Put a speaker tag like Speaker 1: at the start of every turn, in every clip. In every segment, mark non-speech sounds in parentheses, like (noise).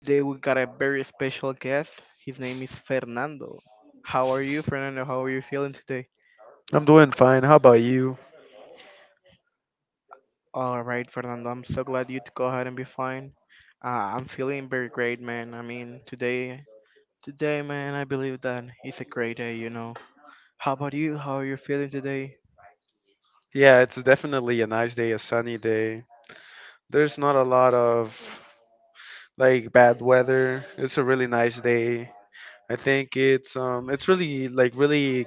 Speaker 1: Today we got a very special guest. His name is Fernando. How are you, Fernando? How are you feeling today?
Speaker 2: I'm doing fine. How about you?
Speaker 1: All right, Fernando. I'm so glad you to go ahead and be fine. I'm feeling very great, man. I mean, today, man, I believe that it's a great day. You know. How about you? How are you feeling today?
Speaker 2: Yeah, it's definitely a nice day, a sunny day. There's not a lot of like bad weather. It's a really nice day. I think it's really like really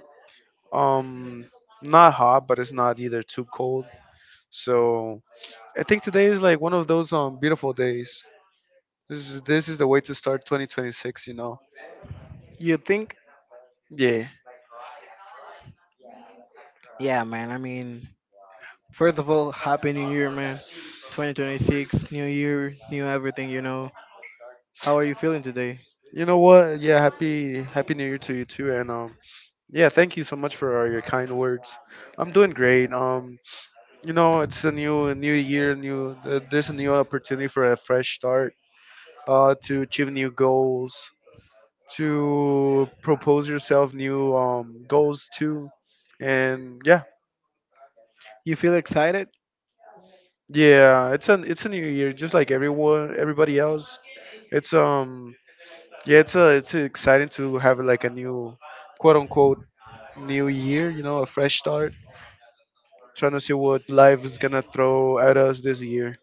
Speaker 2: um not hot, but it's not either too cold. So I think today is like one of those beautiful days. This is the way to start 2026, you know.
Speaker 1: You think?
Speaker 2: Yeah.
Speaker 1: Yeah, man. I mean, first of all, happy New Year, man. 2026, new year, new everything. You know. How are you feeling today?
Speaker 2: You know what? Yeah, happy new year to you too, and yeah, thank you so much for your kind words. I'm doing great. You know, it's a new year, new there's a new opportunity for a fresh start. To achieve new goals, to propose yourself new goals too, and yeah,
Speaker 1: You feel excited?
Speaker 2: yeah, it's a new year, just like everyone everybody else. It's Yeah, it's exciting to have like a new, quote unquote, new year. You know, a fresh start. Trying to see what life is gonna throw at us this year.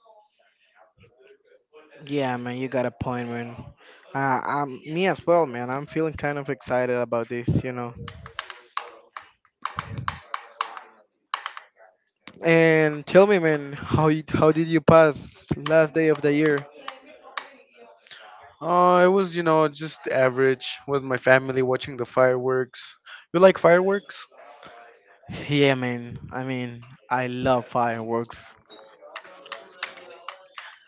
Speaker 1: Yeah, man, you got a point, man. Me as well, man. I'm feeling kind of excited about this, you know. And tell me, man, how did you pass last day of the year?
Speaker 2: It was, you know, just average with my family watching the fireworks. You like fireworks?
Speaker 1: Yeah, man. I mean, I love fireworks.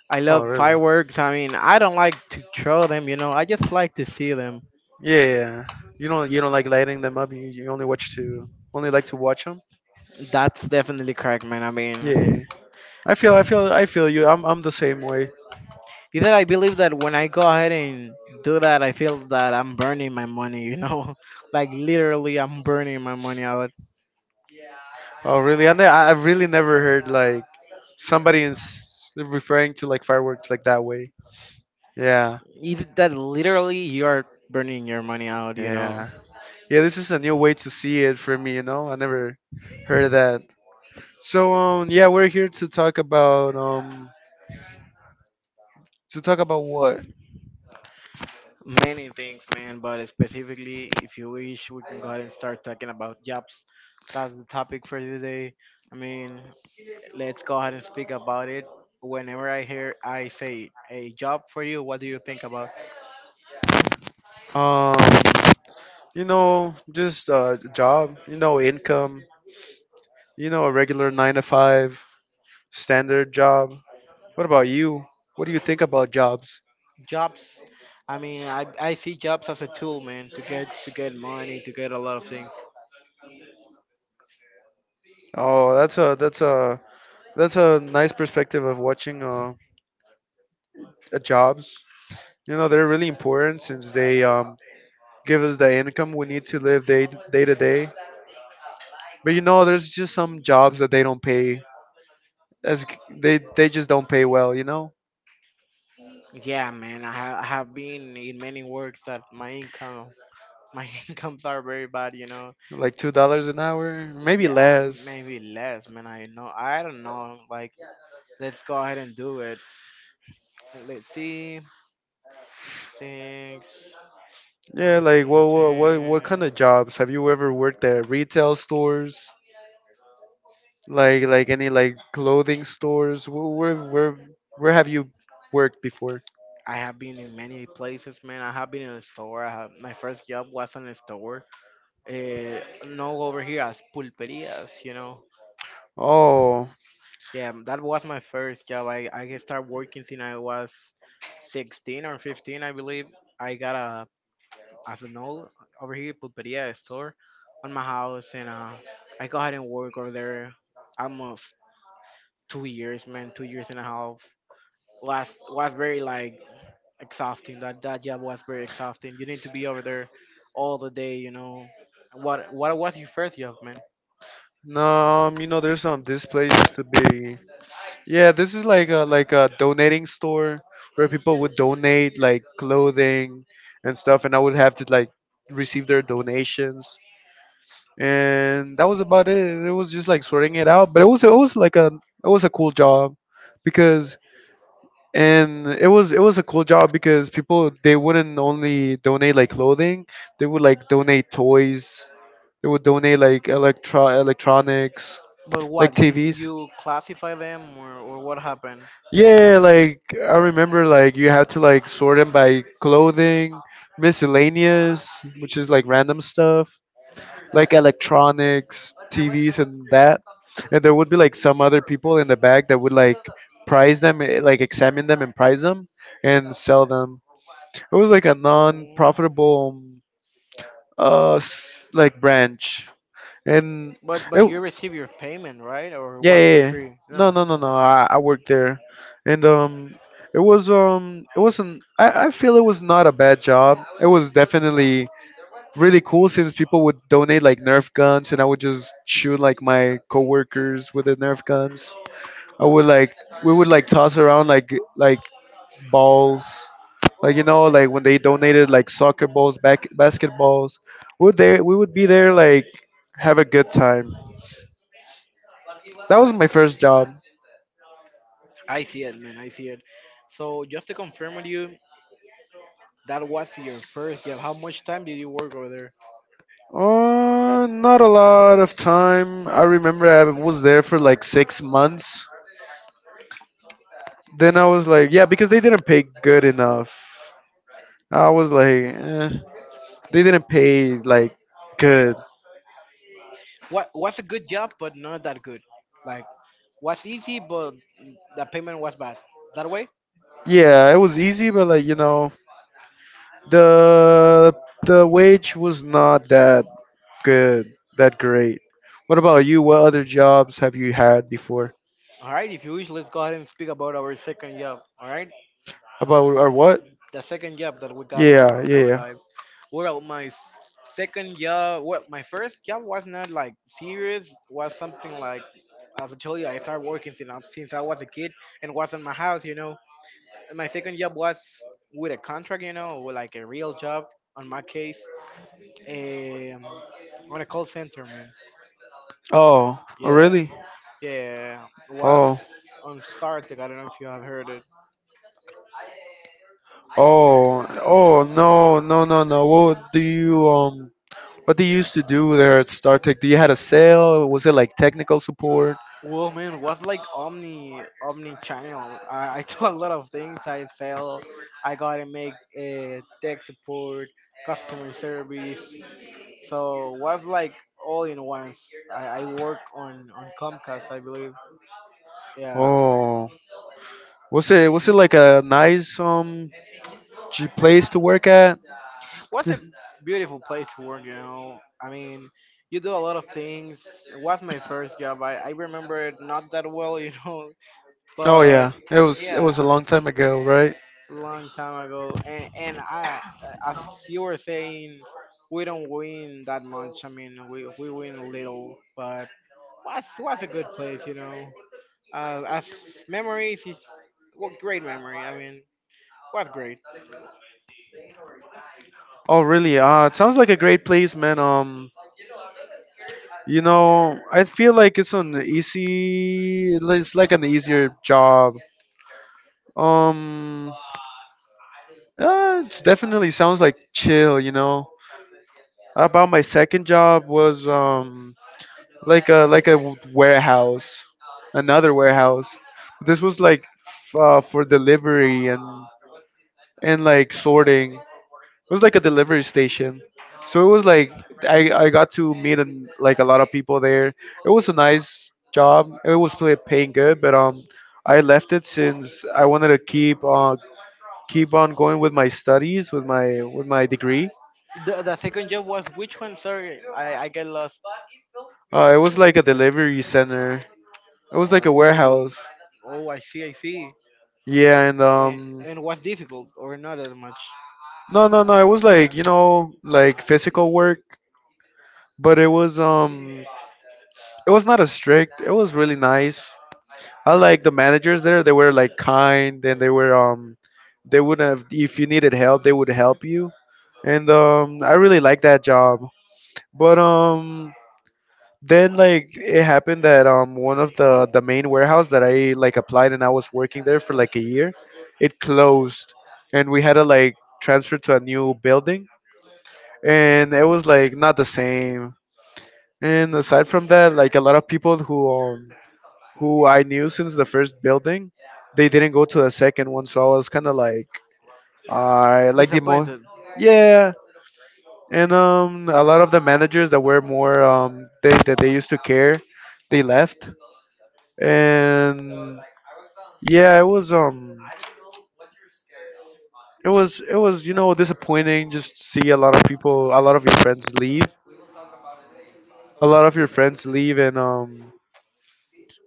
Speaker 1: I
Speaker 2: Oh,
Speaker 1: love
Speaker 2: really?
Speaker 1: fireworks. I mean, I don't like to throw them, you know. I just like to see them.
Speaker 2: Yeah. Yeah, yeah. You don't like lighting them up. You only watch to only like to watch them.
Speaker 1: That's definitely correct, man. I mean.
Speaker 2: Yeah. I feel you. I'm the same way.
Speaker 1: Either I believe that when I go ahead and do that, I feel that I'm burning my money, you know? (laughs) Like literally, I'm burning my money out.
Speaker 2: Oh, really? And I really never heard like somebody is referring to like fireworks like that way. Yeah,
Speaker 1: Either that literally you're burning your money out, you know?
Speaker 2: yeah, yeah. This is a new way to see it for me. You know, I never heard of that. So, yeah, we're here to talk about what?
Speaker 1: Many things, man, but specifically, if you wish, we can go ahead and start talking about jobs. That's the topic for today. I mean, let's go ahead and speak about it. Whenever I hear I say a job for you, what do you think about?
Speaker 2: Um, You know, just a job, you know, income, you know, a regular nine to five standard job. What about you? What do you think about jobs?
Speaker 1: Jobs. I mean, I see jobs as a tool, man, to get money, to get a lot of things.
Speaker 2: Oh, that's a nice perspective of watching jobs. You know, they're really important since they give us the income we need to live day to day. But you know, there's just some jobs that they don't pay as g- they just don't pay well. You know.
Speaker 1: Yeah, man, I have been in many works that my income my (laughs) incomes are very bad, you know.
Speaker 2: Like $2 an hour,
Speaker 1: Uh,
Speaker 2: maybe
Speaker 1: yeah
Speaker 2: less.
Speaker 1: maybe less, man. I don't know, like, let's go ahead and do it. And let's see, six,
Speaker 2: Yeah,
Speaker 1: uh,
Speaker 2: like what kind
Speaker 1: 10.
Speaker 2: of jobs have you ever worked at? Retail stores, like any like clothing stores. Where have you worked before?
Speaker 1: I have been in many places, man. I have been in a store. My first job was in a store. uh, know over here as pulperias, you know.
Speaker 2: Oh
Speaker 1: Yeah, that was my first job. I started working since I was 16 or 15, I believe. I got a, as a know over here, pulperia store on my house, and I go ahead and work over there almost 2 years, man, 2 years and a half. Was very like exhausting. That job was very exhausting. You need to be over there all the day, you know. What was your first job, man?
Speaker 2: no, you know there's some this place used to be. Yeah, this is like a donating store where people would donate like clothing and stuff, and I would have to like receive their donations, and that was about it. It was just like sorting it out, but it was like a it was a cool job because and it was a cool job because people they wouldn't only donate like clothing, they would like donate toys, they would donate like electronics,
Speaker 1: But
Speaker 2: like
Speaker 1: what you
Speaker 2: TVs.
Speaker 1: you classify them, or what happened?
Speaker 2: Yeah, like I remember, like you had to like sort them by clothing, miscellaneous, which is like random stuff, like electronics, TVs, and that. And there would be like some other people in the back that would like prize them, like examine them and prize them and sell them. It was like a
Speaker 1: Mm.
Speaker 2: non-profitable, like branch, and
Speaker 1: But
Speaker 2: it,
Speaker 1: you receive your payment, right? Or
Speaker 2: yeah,
Speaker 1: was
Speaker 2: yeah,
Speaker 1: for
Speaker 2: yeah.
Speaker 1: free?
Speaker 2: No,
Speaker 1: No,
Speaker 2: no, no, no. I worked there, and it was it wasn't. I feel it was not a bad job. It was definitely really cool since people would donate like Nerf guns, and I would just shoot like my coworkers with the Nerf guns. I would like we would like toss around like like balls, like you know like when they donated like soccer balls, back basketballs. Would they we would be there like have a good time. That was my first job.
Speaker 1: I see it, man. I see it. So just to confirm with you, that was your first job. How much time did you work over there?
Speaker 2: Not a lot of time. I remember I was there for like 6 months. Then I was like, yeah, because they didn't pay good enough. I was like, eh. They didn't pay like good.
Speaker 1: What was a good job but not that good? Like, was easy but the payment was bad. That way.
Speaker 2: Yeah, it was easy, but like you know, the the wage was not that good, that great. What about you? What other jobs have you had before?
Speaker 1: All right. If you wish, let's go ahead and speak about our second job. All right.
Speaker 2: About or what?
Speaker 1: The second job that we got on,
Speaker 2: Yeah,
Speaker 1: on
Speaker 2: yeah,
Speaker 1: our
Speaker 2: yeah.
Speaker 1: lives. Well, my f- second job, well, my first job was not like serious. Was something like, as I told you, I started working since I was a kid, and was in my house, you know. And my second job was with a contract, you know, with like a real job. On my case, um, on a call center, man.
Speaker 2: Oh, oh
Speaker 1: Yeah,
Speaker 2: really?
Speaker 1: yeah.
Speaker 2: Oh.
Speaker 1: Was on StarTech. I don't know if you have heard it.
Speaker 2: Oh, oh no, no, no, no. What do you used to do there at StarTech? Do you had a sale? Was it like technical support?
Speaker 1: Well, man, was like omni channel. I do a lot of things. I sell. I gotta make tech support, customer service. So was like all in once. I work on Comcast, I believe. Yeah,
Speaker 2: Oh, was it like a nice place to work at? (laughs)
Speaker 1: was a beautiful place to work. You know, I mean, you do a lot of things. It was my first job. I remember it not that well, (laughs) you know,
Speaker 2: Yeah. Oh
Speaker 1: but
Speaker 2: yeah, it was it
Speaker 1: yeah.
Speaker 2: was a long time ago, right?
Speaker 1: Long time ago, and I as you were saying, we don't win that much. I mean, we win little, but was a good place, you know. As memories, is what great memory. I mean, was great.
Speaker 2: Oh really? It sounds like a great place, man. You know, I feel like it's an easy, it's like an easier job. Um, it's definitely sounds like chill, you know. About my second job was like a warehouse, another warehouse. This was like for delivery and like sorting. It was like a delivery station. So it was like I got to like a lot of people there. It was a nice job. It was paying good, but I left it since I wanted to keep keep on going with my studies, with my degree.
Speaker 1: The second job was which one? Sorry, I get lost.
Speaker 2: It was like a delivery center. It was like a
Speaker 1: Oh,
Speaker 2: warehouse.
Speaker 1: oh, I see, I see.
Speaker 2: Yeah, and
Speaker 1: And,
Speaker 2: um,
Speaker 1: and was difficult or not that much?
Speaker 2: no, no, no. It was like you know, like physical work, but it was not as strict. It was really nice. I like the managers there. They were like kind, and they were they would have if you needed help, they would help you, and I really like that job. But then like it happened that one of the main warehouse that I like applied and I was working there for like a year, it closed and we had to like transfer to a new building and it was like not the same. And aside from that, like a lot of people who I knew since the first building, they didn't go to the second one, so I was kind of like I like the more.
Speaker 1: Disappointed.
Speaker 2: Yeah. And a lot of the managers that were more they used to care, they left, and yeah, it was you know disappointing just to see a lot of people a lot of your friends leave, and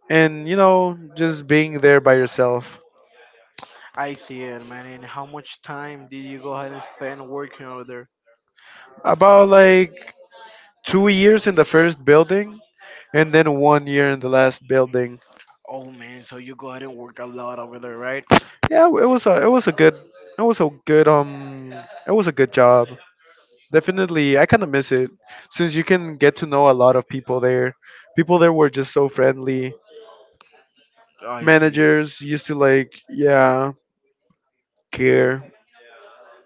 Speaker 2: and you know just being there by yourself
Speaker 1: I see it, man. And how much time did you go ahead and spend working over there?
Speaker 2: about like 2 years in the first building and then 1 year in the last building.
Speaker 1: Oh, man. So you go ahead and work a lot over there, right?
Speaker 2: Yeah, it was a good it was a good it was a good job. Definitely I kind of miss it since you can get to know a lot of people there. People there were just so friendly.
Speaker 1: I see.
Speaker 2: Managers used to like, yeah, care.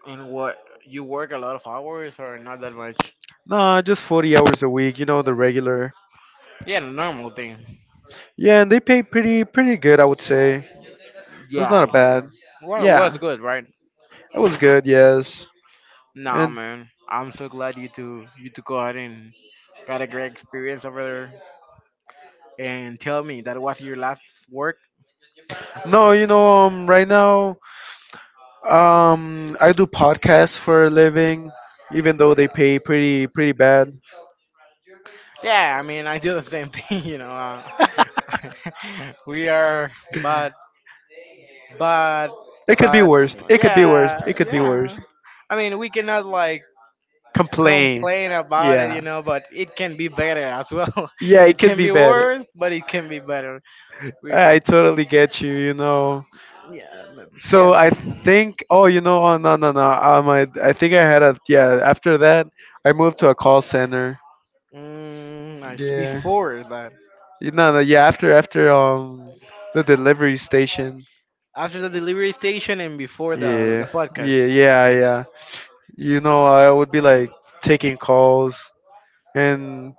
Speaker 1: And what? You work a lot of hours or not that much?
Speaker 2: Nah, just 40 hours a week, you know, the regular.
Speaker 1: Yeah, the normal thing.
Speaker 2: Yeah, and they pay pretty good I would say. It was
Speaker 1: Yeah,
Speaker 2: not a
Speaker 1: I see.
Speaker 2: bad.
Speaker 1: What's
Speaker 2: Yeah,
Speaker 1: good, right?
Speaker 2: it was good, yes.
Speaker 1: Nah,
Speaker 2: And
Speaker 1: man. I'm so glad you two go ahead and got a great experience over there. And tell me, that was your last work?
Speaker 2: no, you know, right now I do podcasts for a living, even though they pay pretty bad.
Speaker 1: Yeah, I mean, I do the same thing, (laughs) you know. (laughs) We are, but but
Speaker 2: It could be
Speaker 1: but
Speaker 2: worst. It could be worst. It
Speaker 1: yeah,
Speaker 2: could be
Speaker 1: yeah.
Speaker 2: worst.
Speaker 1: I mean, we cannot like
Speaker 2: Complain.
Speaker 1: complain about it,
Speaker 2: Yeah.
Speaker 1: you know. But it can be better as well.
Speaker 2: Yeah,
Speaker 1: (laughs)
Speaker 2: it
Speaker 1: It
Speaker 2: could
Speaker 1: can
Speaker 2: be
Speaker 1: be
Speaker 2: better.
Speaker 1: worse, but it can be better. We
Speaker 2: I totally get you, you know.
Speaker 1: Yeah,
Speaker 2: So
Speaker 1: yeah.
Speaker 2: I think, oh, you know, oh, no, no, no. I think I had a, yeah, after that, I moved to a call center.
Speaker 1: Mm, nice
Speaker 2: Yeah.
Speaker 1: before that.
Speaker 2: You know, no, yeah, after, the delivery station.
Speaker 1: After the delivery station and before the
Speaker 2: Yeah.
Speaker 1: podcast.
Speaker 2: Yeah, yeah, yeah. You know, I would be like taking calls and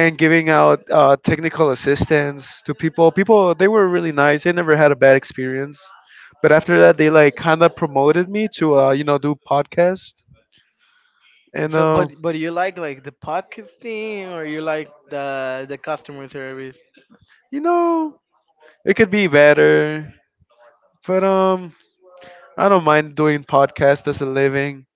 Speaker 2: giving out technical assistance to people they were really nice, they never had a bad experience, but after that they like kind of promoted me to you know do podcast, and
Speaker 1: So
Speaker 2: uh,
Speaker 1: but you like, the podcasting, or you like the customer service?
Speaker 2: you know it could be better, but I don't mind doing podcast as a living.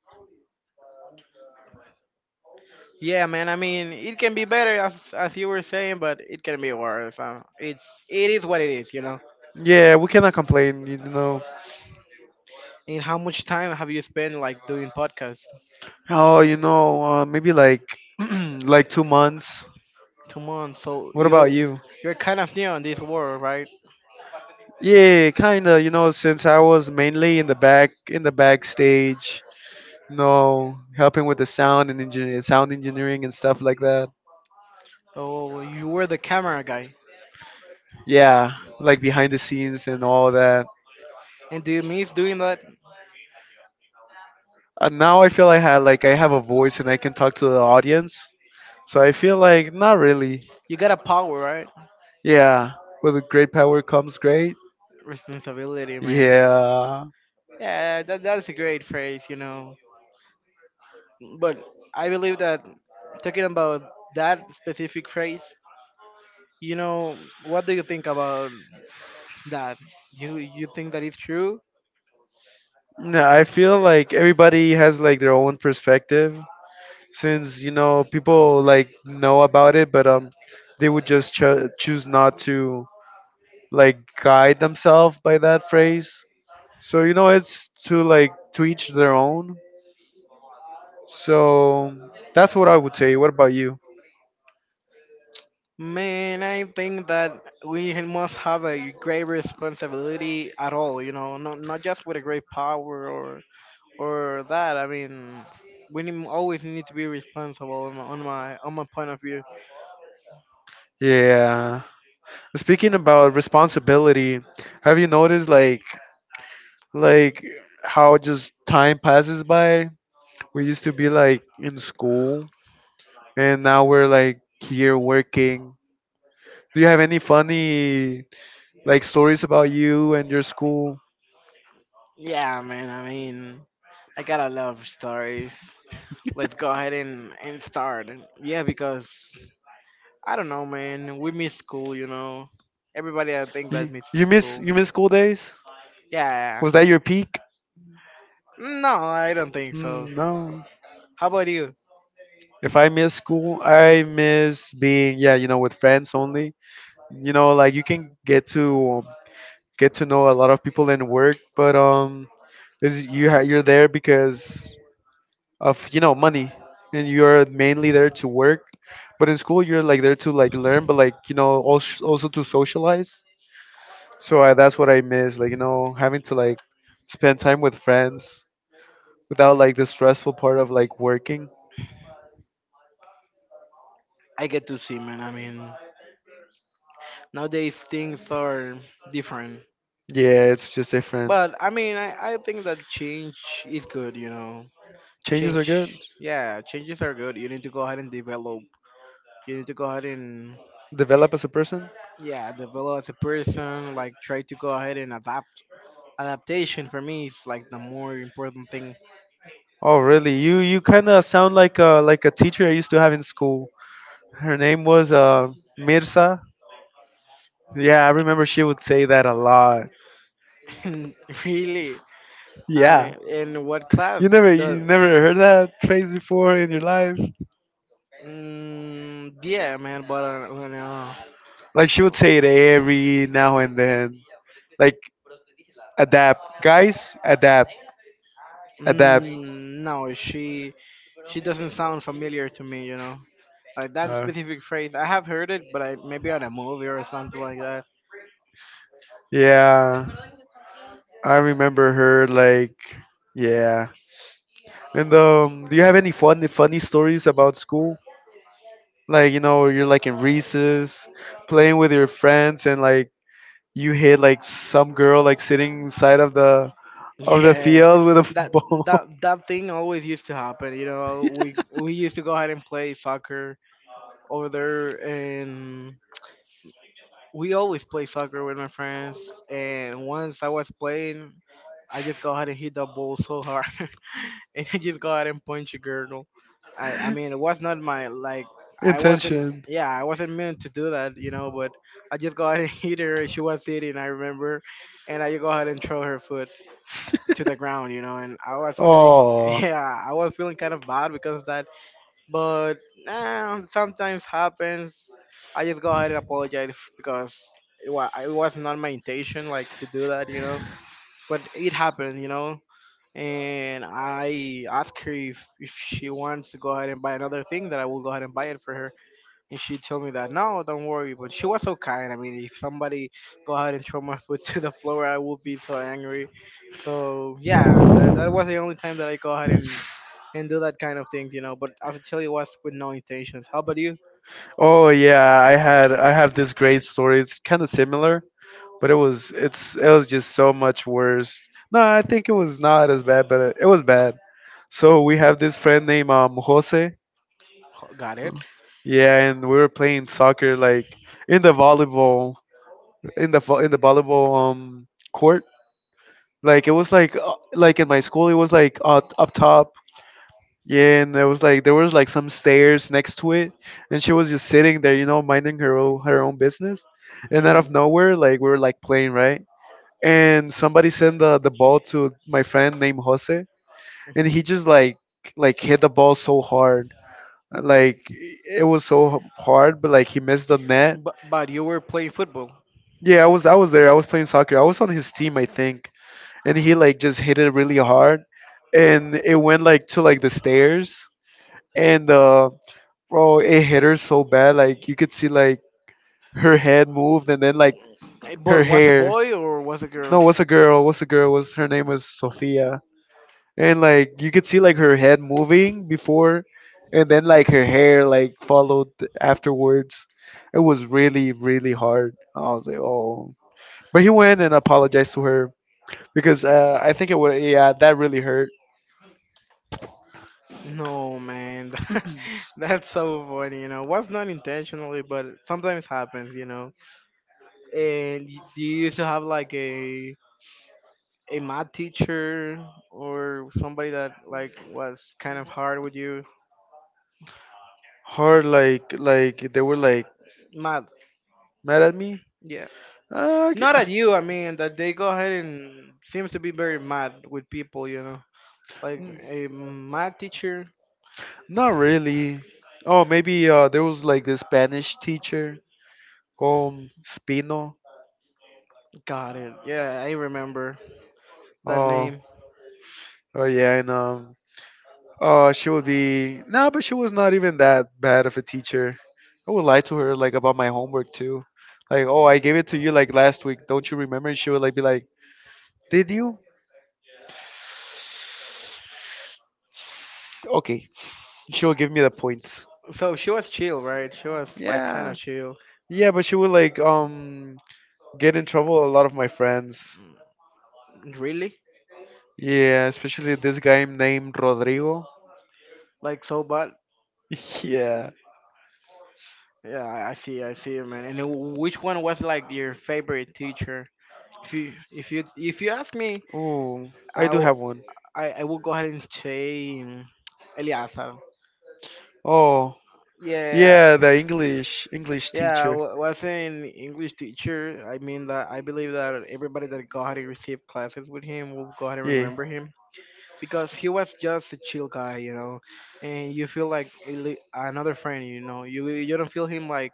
Speaker 1: Yeah, man. I mean, it can be better as you were saying, but it can be worse. It is what it is, you know.
Speaker 2: Yeah, we cannot complain, you know.
Speaker 1: And how much time have you spent like doing podcasts?
Speaker 2: Oh, you know, maybe like (clears throat) like 2 months.
Speaker 1: 2 months. So
Speaker 2: What about you?
Speaker 1: you're kind of new in this world, right?
Speaker 2: Yeah, kinda. You know, since I was mainly in the backstage, you know, helping with the sound and sound engineering and stuff like that.
Speaker 1: So you were the camera guy.
Speaker 2: Yeah, like behind the scenes and all that.
Speaker 1: And do you miss doing that?
Speaker 2: And now I feel I had like I have a voice and I can talk to the audience. So I feel like not really.
Speaker 1: You got a power, right?
Speaker 2: Yeah, with great power comes great.
Speaker 1: Responsibility, man.
Speaker 2: Yeah.
Speaker 1: Yeah, that's a great phrase, you know. But I believe that talking about that specific phrase, you know, what do you think about? That you think that is true?
Speaker 2: No, I feel like everybody has like their own perspective since you know people like know about it, but they would just choose not to like guide themselves by that phrase. So you know, it's to like to each their own. So that's what I would say. What about you?
Speaker 1: Man, I think that we must have a great responsibility at all. You know, not just with a great power or that. I mean, we need, always need to be responsible on my point of view.
Speaker 2: Yeah. Speaking about responsibility, have you noticed like like how just time passes by? We used to be like in school and now we're like here working. Do you have any funny like stories about you and your school?
Speaker 1: Yeah, man. I mean, I gotta love stories. Let's go ahead and start. Yeah, because I don't know, man. We miss school. You know, everybody I think that
Speaker 2: You,
Speaker 1: miss
Speaker 2: you miss
Speaker 1: school.
Speaker 2: you miss school days?
Speaker 1: Yeah. Yeah,
Speaker 2: Was that
Speaker 1: yeah.
Speaker 2: your peak?
Speaker 1: No, I don't think so.
Speaker 2: Mm, no.
Speaker 1: How about you?
Speaker 2: If I miss school, I miss being, yeah, you know, with friends only. You know, like you can get to know a lot of people in work, but you're there because of, you know, money, and you're mainly there to work, but in school you're like there to like learn, but, like, you know, also to socialize. So that's what I miss, like, you know, having to like spend time with friends without like the stressful part of like working.
Speaker 1: I get to see, man. I mean, nowadays things are different.
Speaker 2: Yeah, it's just different.
Speaker 1: But I mean, I think that change is good, you know.
Speaker 2: Changes are
Speaker 1: Change,
Speaker 2: good.
Speaker 1: yeah, changes are good. You need to go ahead and develop. You need to go ahead and,
Speaker 2: Develop as a person.
Speaker 1: yeah, develop as a person. Like, try to go ahead and adapt. Adaptation for me is like the more important thing.
Speaker 2: Oh really? You kind of sound like a teacher I used to have in school. Her name was Mirza. Yeah, I remember she would say that a lot.
Speaker 1: (laughs) Really.
Speaker 2: Yeah.
Speaker 1: In what
Speaker 2: You
Speaker 1: class? The,
Speaker 2: never heard that phrase before in your life?
Speaker 1: yeah, man, but, you know.
Speaker 2: Like she would say it every now and then. Like, adapt. Guys, adapt. Adapt.
Speaker 1: Mm, no, she doesn't sound familiar to me. You know, like that
Speaker 2: Uh,
Speaker 1: specific phrase. I have heard it, but I maybe on a movie or something like that. (laughs)
Speaker 2: yeah. I remember her, like, yeah. And do you have any funny stories about school? Like, you know, you're like in recess, playing with your friends and like you hit like some girl like sitting inside of the
Speaker 1: Yeah,
Speaker 2: field with a
Speaker 1: that
Speaker 2: (laughs) ball.
Speaker 1: that thing always used to happen. You know, we used to go ahead and play soccer over there, and we always play soccer with my friends. And once I was playing, I just go ahead and hit the ball so hard. (laughs) (laughs) And I just go out and punch a girl. I mean, it was not my like, I wasn't,
Speaker 2: Intention.
Speaker 1: yeah, I wasn't meant to do that, you know, but I just go out and (laughs) hit her. She was sitting, I remember, and I go ahead and throw her foot to the ground, you know, and I was feeling (laughs)
Speaker 2: Oh,
Speaker 1: yeah, I was feeling kind of bad because of that, but nah, sometimes happens. I just go ahead and apologize, because it was not my intention like to do that, you know, but it happened, you know, and I asked her if she wants to go ahead and buy another thing, that I will go ahead and buy it for her. And she told me that no, don't worry. But she was so kind. I mean, if somebody go ahead and throw my foot (laughs) to the floor, I would be so angry. So yeah, that was the only time that I go ahead and do that kind of things, you know. But as I tell you, it was with no intentions. How about you?
Speaker 2: oh yeah. I have this great story. It's kind of similar, but it was just so much worse. No, I think it was not as bad, but it was bad. So we have this friend named Jose.
Speaker 1: Got it.
Speaker 2: Yeah, and we were playing soccer like in the volleyball in the volleyball court. Like it was like in my school it was like up top. Yeah, and there was like some stairs next to it, and she was just sitting there, you know, minding her own business. And out
Speaker 1: Hmm.
Speaker 2: of nowhere, like we were like playing, right, and somebody sent the ball to my friend named Jose, and he
Speaker 1: Mhm.
Speaker 2: just like hit the ball so hard. Like it was so hard, but like he missed the net.
Speaker 1: But you were playing football.
Speaker 2: Yeah, I was there. I was playing soccer. I was on his team, I think, and he like just hit it really hard, and it went like to like the stairs, and bro, it hit her so bad. Like you could see like her head moved, and then like her
Speaker 1: But was a
Speaker 2: hair.
Speaker 1: boy or was a
Speaker 2: No,
Speaker 1: girl?
Speaker 2: what's a girl? What's a girl? Was her name was Sophia? And like you could see like her head moving before, and then like her hair like followed afterwards. It was really really hard. I was like, oh. But he went and apologized to her because I think it would, yeah, that really hurt.
Speaker 1: No man, (laughs) that's so funny. You know, was not intentionally, but sometimes happens. You know. And do you used to have like a math teacher or somebody that like was kind of hard with you?
Speaker 2: Hard like they were like
Speaker 1: Math.
Speaker 2: mad at me.
Speaker 1: Yeah.
Speaker 2: uh, g-
Speaker 1: Not at you. I mean that they go ahead and seems to be very mad with people. You know. Like
Speaker 2: Mm.
Speaker 1: a math teacher.
Speaker 2: Not really. Oh, maybe there was like this Spanish teacher, Con Spino.
Speaker 1: Got it. Yeah, I remember that
Speaker 2: Uh,
Speaker 1: name.
Speaker 2: oh yeah. And oh she would be, no, but she was not even that bad of a teacher. I would lie to her like about my homework too, like, oh, I gave it to you like last week, don't you remember? And she would like be like, did you? Okay, she would give me the points.
Speaker 1: So she was chill, right? She was like kind
Speaker 2: Yeah,
Speaker 1: of chill.
Speaker 2: yeah, but she would like get in trouble with a lot of my friends.
Speaker 1: Really?
Speaker 2: Yeah, especially this guy named Rodrigo.
Speaker 1: Like so bad?
Speaker 2: (laughs) Yeah.
Speaker 1: Yeah, I see, I see, man. And then which one was like your favorite teacher? If you ask me,
Speaker 2: Ooh, I
Speaker 1: I
Speaker 2: do
Speaker 1: will,
Speaker 2: have one.
Speaker 1: I will go ahead and say Eleazar.
Speaker 2: Oh,
Speaker 1: Yeah,
Speaker 2: yeah, the English
Speaker 1: yeah,
Speaker 2: teacher.
Speaker 1: was an English teacher. I mean that I believe that everybody that go ahead and receive classes with him will go ahead and
Speaker 2: Yeah,
Speaker 1: remember him because he was just a chill guy, you know, and you feel like a another friend, you know. You don't feel him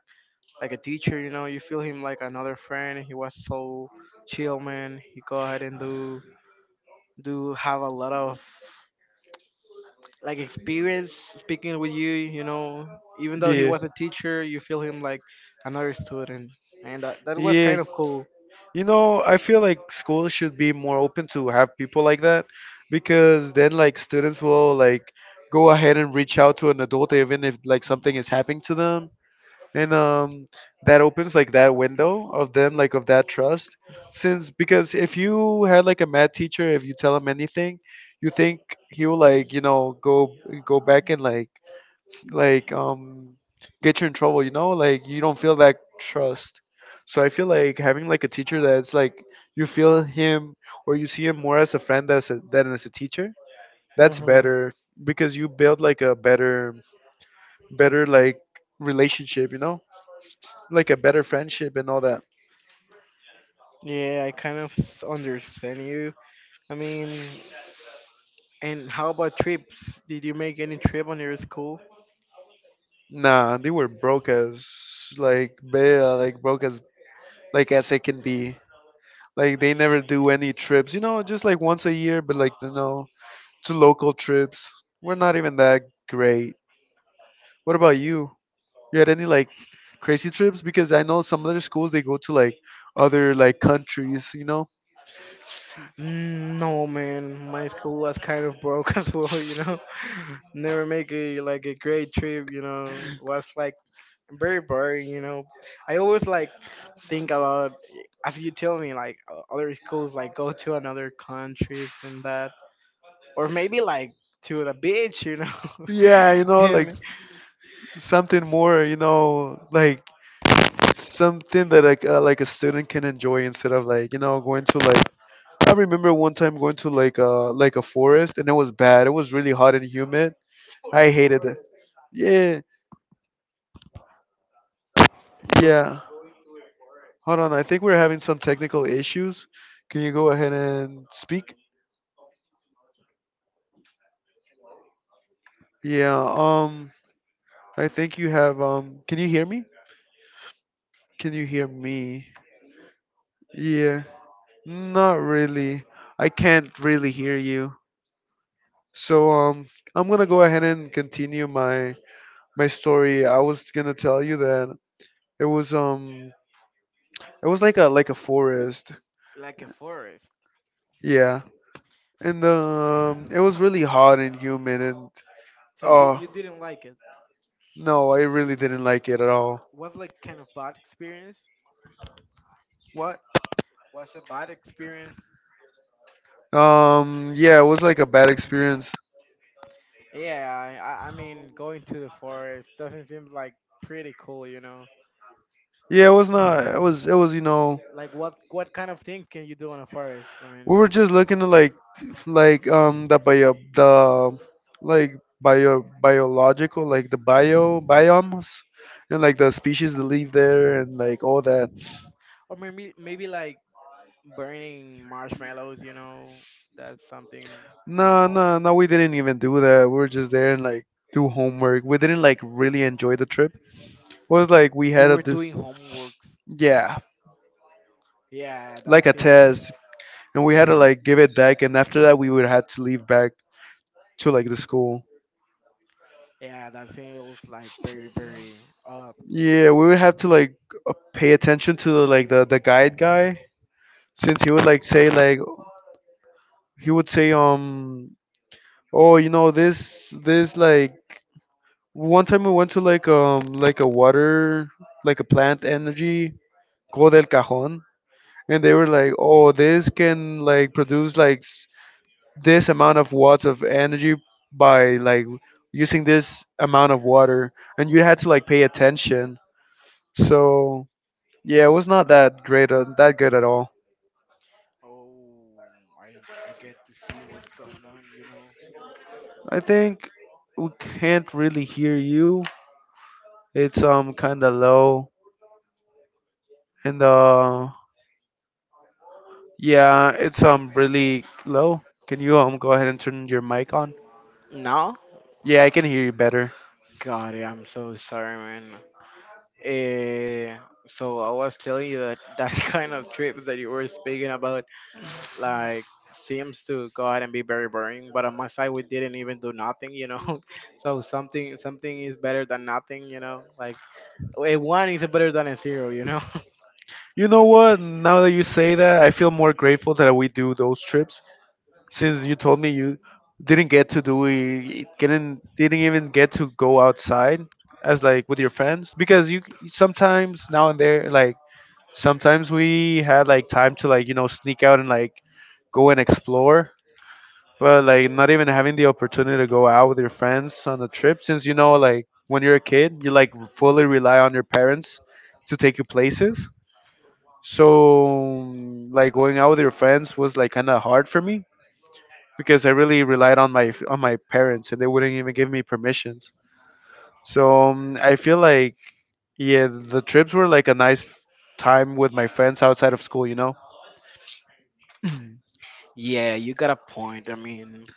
Speaker 1: like a teacher, you know. You feel him like another friend. He was
Speaker 2: so
Speaker 1: so chill, man. He go ahead and do have a lot of
Speaker 2: like,
Speaker 1: like
Speaker 2: like.
Speaker 1: experience speaking with you, you know. Even though he
Speaker 2: Yeah.
Speaker 1: was a teacher, you feel him like another student, and that was
Speaker 2: Yeah,
Speaker 1: kind of cool.
Speaker 2: you know, I feel like schools should be more open to have people like that, because then like students will like go ahead and reach out to an adult even if like something is happening to them. And that opens like that window of them like of that trust, since because if you had like a math teacher, if you tell him anything, you think he'll like, you know, go back and like like um get you in trouble, you know, like you don't feel that trust. So I feel like having like a teacher that's like you feel him, or you see him more as a friend as a, than as a teacher, that's
Speaker 1: hmm
Speaker 2: better. Because you build like a better like relationship, you know, like a better friendship and all that.
Speaker 1: Yeah, I kind of understand you. I mean, and how about trips? Did you make any trip on your school?
Speaker 2: Nah, they were broke as like bare, like broke as like as it can be. Like they never do any trips, you know, just like once a year, but like, you know, to local trips. We're not even that great. What about you? You had any like crazy trips? Because I know some other schools they go to like other like countries, you know.
Speaker 1: Mm, no, man. My school was kind of broke (laughs) as well, you know. (laughs) Never make a like a great trip, you know. Was like very boring, you know. I always like think about as you tell me like other schools like go to another countries and that or maybe like to the beach, you know.
Speaker 2: Yeah, you
Speaker 1: (laughs)
Speaker 2: know, like
Speaker 1: And
Speaker 2: something more, you know, like something that like a student can enjoy instead of like, you know, going to like, I remember one time going to like a forest, and it was bad. It was really hot and humid. I hated it. Yeah, yeah. Hold on, I think we're having some technical issues. Can you go ahead and speak? Yeah, I think you have can you hear me? Can you hear me? Yeah. Not really. I can't really hear you. So I'm going to go ahead and continue my story. I was going to tell you that it was um it was like a forest.
Speaker 1: like a forest.
Speaker 2: Yeah, and it was really hot
Speaker 1: (laughs)
Speaker 2: and humid, and
Speaker 1: So you
Speaker 2: oh
Speaker 1: you didn't like it.
Speaker 2: no, I really didn't like it at all.
Speaker 1: Was like kind of bad experience.
Speaker 2: What?
Speaker 1: Was a bad experience.
Speaker 2: Yeah, it was like a bad experience.
Speaker 1: Yeah, I mean going to the forest doesn't seem like pretty cool, you know.
Speaker 2: Yeah, it was not. It was. It was. You know,
Speaker 1: Like what kind of things can you do in a forest? I
Speaker 2: we
Speaker 1: mean,
Speaker 2: were just looking to like the like biological, like the biomes, and like the species that live there, and like all that.
Speaker 1: or maybe like burning marshmallows, you know. That's something
Speaker 2: No,
Speaker 1: normal.
Speaker 2: no, no, we didn't even do that. We were just there and like do homework. We didn't like really enjoy the trip. It was like we
Speaker 1: You
Speaker 2: had
Speaker 1: were
Speaker 2: to do,
Speaker 1: doing homeworks.
Speaker 2: yeah,
Speaker 1: Yeah, that
Speaker 2: like a
Speaker 1: seems.
Speaker 2: test, and we had to like
Speaker 1: (laughs)
Speaker 2: give it back. And after that, we would have to leave back to like the school.
Speaker 1: Yeah, that feels like very
Speaker 2: Yeah, we would have to like pay attention to the, like the guide guy, since he would like say like he would say oh, you know, this like one time we went to like a water like a plant energy, Go del Cajon, and they were like, oh, this can like produce like this amount of watts of energy by like using this amount of water, and you had to like pay attention. So yeah, it was not that great, that good at all.
Speaker 1: oh, I I get to see what's going on, you know.
Speaker 2: I think we can't really hear you. It's kind of low. And yeah, it's really low. Can you go ahead and turn your mic on?
Speaker 1: No?
Speaker 2: Yeah, I can hear you better.
Speaker 1: God, yeah, I'm so sorry, man. Eh, so I was telling you that that (laughs) kind of trips that you were speaking about, like, seems to go ahead and be very boring. But on my side, we didn't even do nothing, you know. (laughs) So something is better than nothing, you know. Like a one is better than a zero, you know. (laughs)
Speaker 2: You know what? Now that you say that, I feel more grateful that we do those trips. Since you told me you didn't get to do it, didn't even get to go outside as like with your friends, because you sometimes now and there like sometimes we had like time to like, you know, sneak out and like go and explore, but like not even having the opportunity to go out with your friends on a trip, since, you know, like when you're a kid you like fully rely on your parents to take you places. So mm, like going out with your friends was like kind of hard for me, because I really relied on my parents, and they wouldn't even give me permissions. So I feel like, yeah, the trips were like a nice time with my friends outside of school, you know. (clears throat)
Speaker 1: Yeah, you got a point. I mean,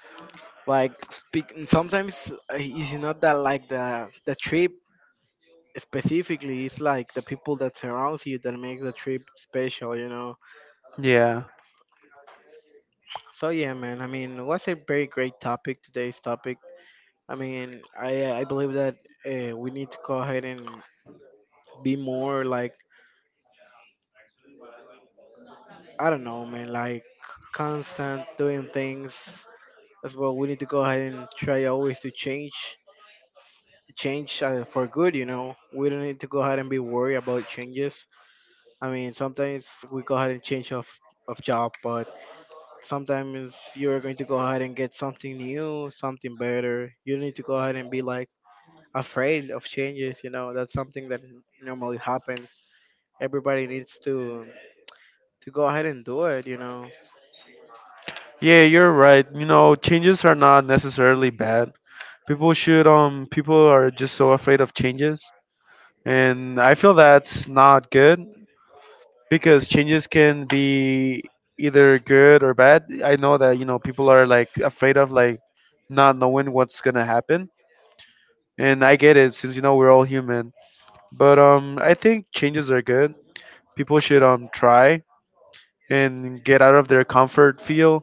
Speaker 1: like, speak. Sometimes it's not that like the trip specifically, it's like the people that surrounds you that makes the trip special, you know.
Speaker 2: Yeah.
Speaker 1: So yeah, man, I mean it was a very great topic, today's topic. I mean I believe that we need to go ahead and be more like, I don't know, man, like constant doing things as well. We need to go ahead and try always to change, change for good, you know. We don't need to go ahead and be worried about changes. I mean sometimes we go ahead and change of job, but sometimes you're going to go ahead and get something new, something better. You need to go ahead and be like afraid of changes, you know, that's something that normally happens. Everybody needs to go ahead and do it, you know.
Speaker 2: Yeah, you're right. You know, changes are not necessarily bad. People should people are just so afraid of changes. And I feel that's not good. Because changes can be either good or bad. I know that, you know, people are like afraid of like not knowing what's gonna happen, and I get it, since, you know, we're all human. But I think changes are good. People should try and get out of their comfort feel,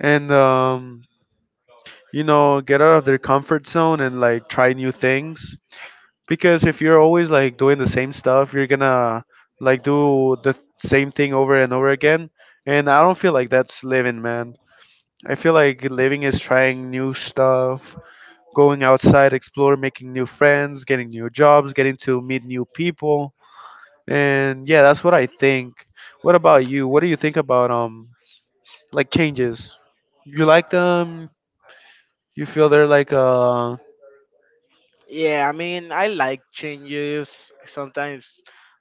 Speaker 2: and you know, get out of their comfort zone and like try new things. Because if you're always like doing the same stuff, you're gonna like do the same thing over and over again. And I don't feel like that's living, man. I feel like living is trying new stuff, going outside, explore, making new friends, getting new jobs, getting to meet new people. And yeah, that's what I think. What about you? What do you think about like changes? You like them? You feel they're like
Speaker 1: Yeah, I mean, I like changes. Sometimes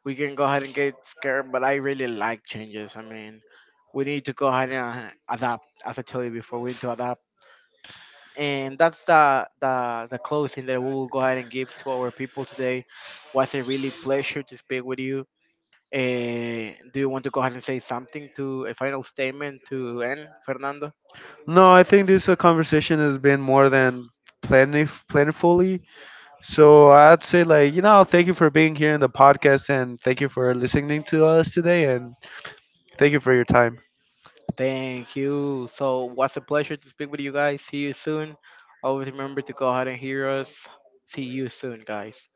Speaker 1: we can go ahead and get scared, but I really like changes. I mean, we need to go ahead and adapt, as I told you before. We need to adapt, and that's the the closing that we will go ahead and give to our people today. Was a really pleasure to speak with you. Eh, do you want to go ahead and say something to a final statement to end, Fernando?
Speaker 2: No, I think this conversation has been more than plentifully. So I'd say, like, you know, thank you for being here in the podcast, and thank you for listening to us today, and thank you for your time.
Speaker 1: Thank you. So, was a pleasure to speak with you guys. See you soon. Always remember to go ahead and hear us. See you soon, guys.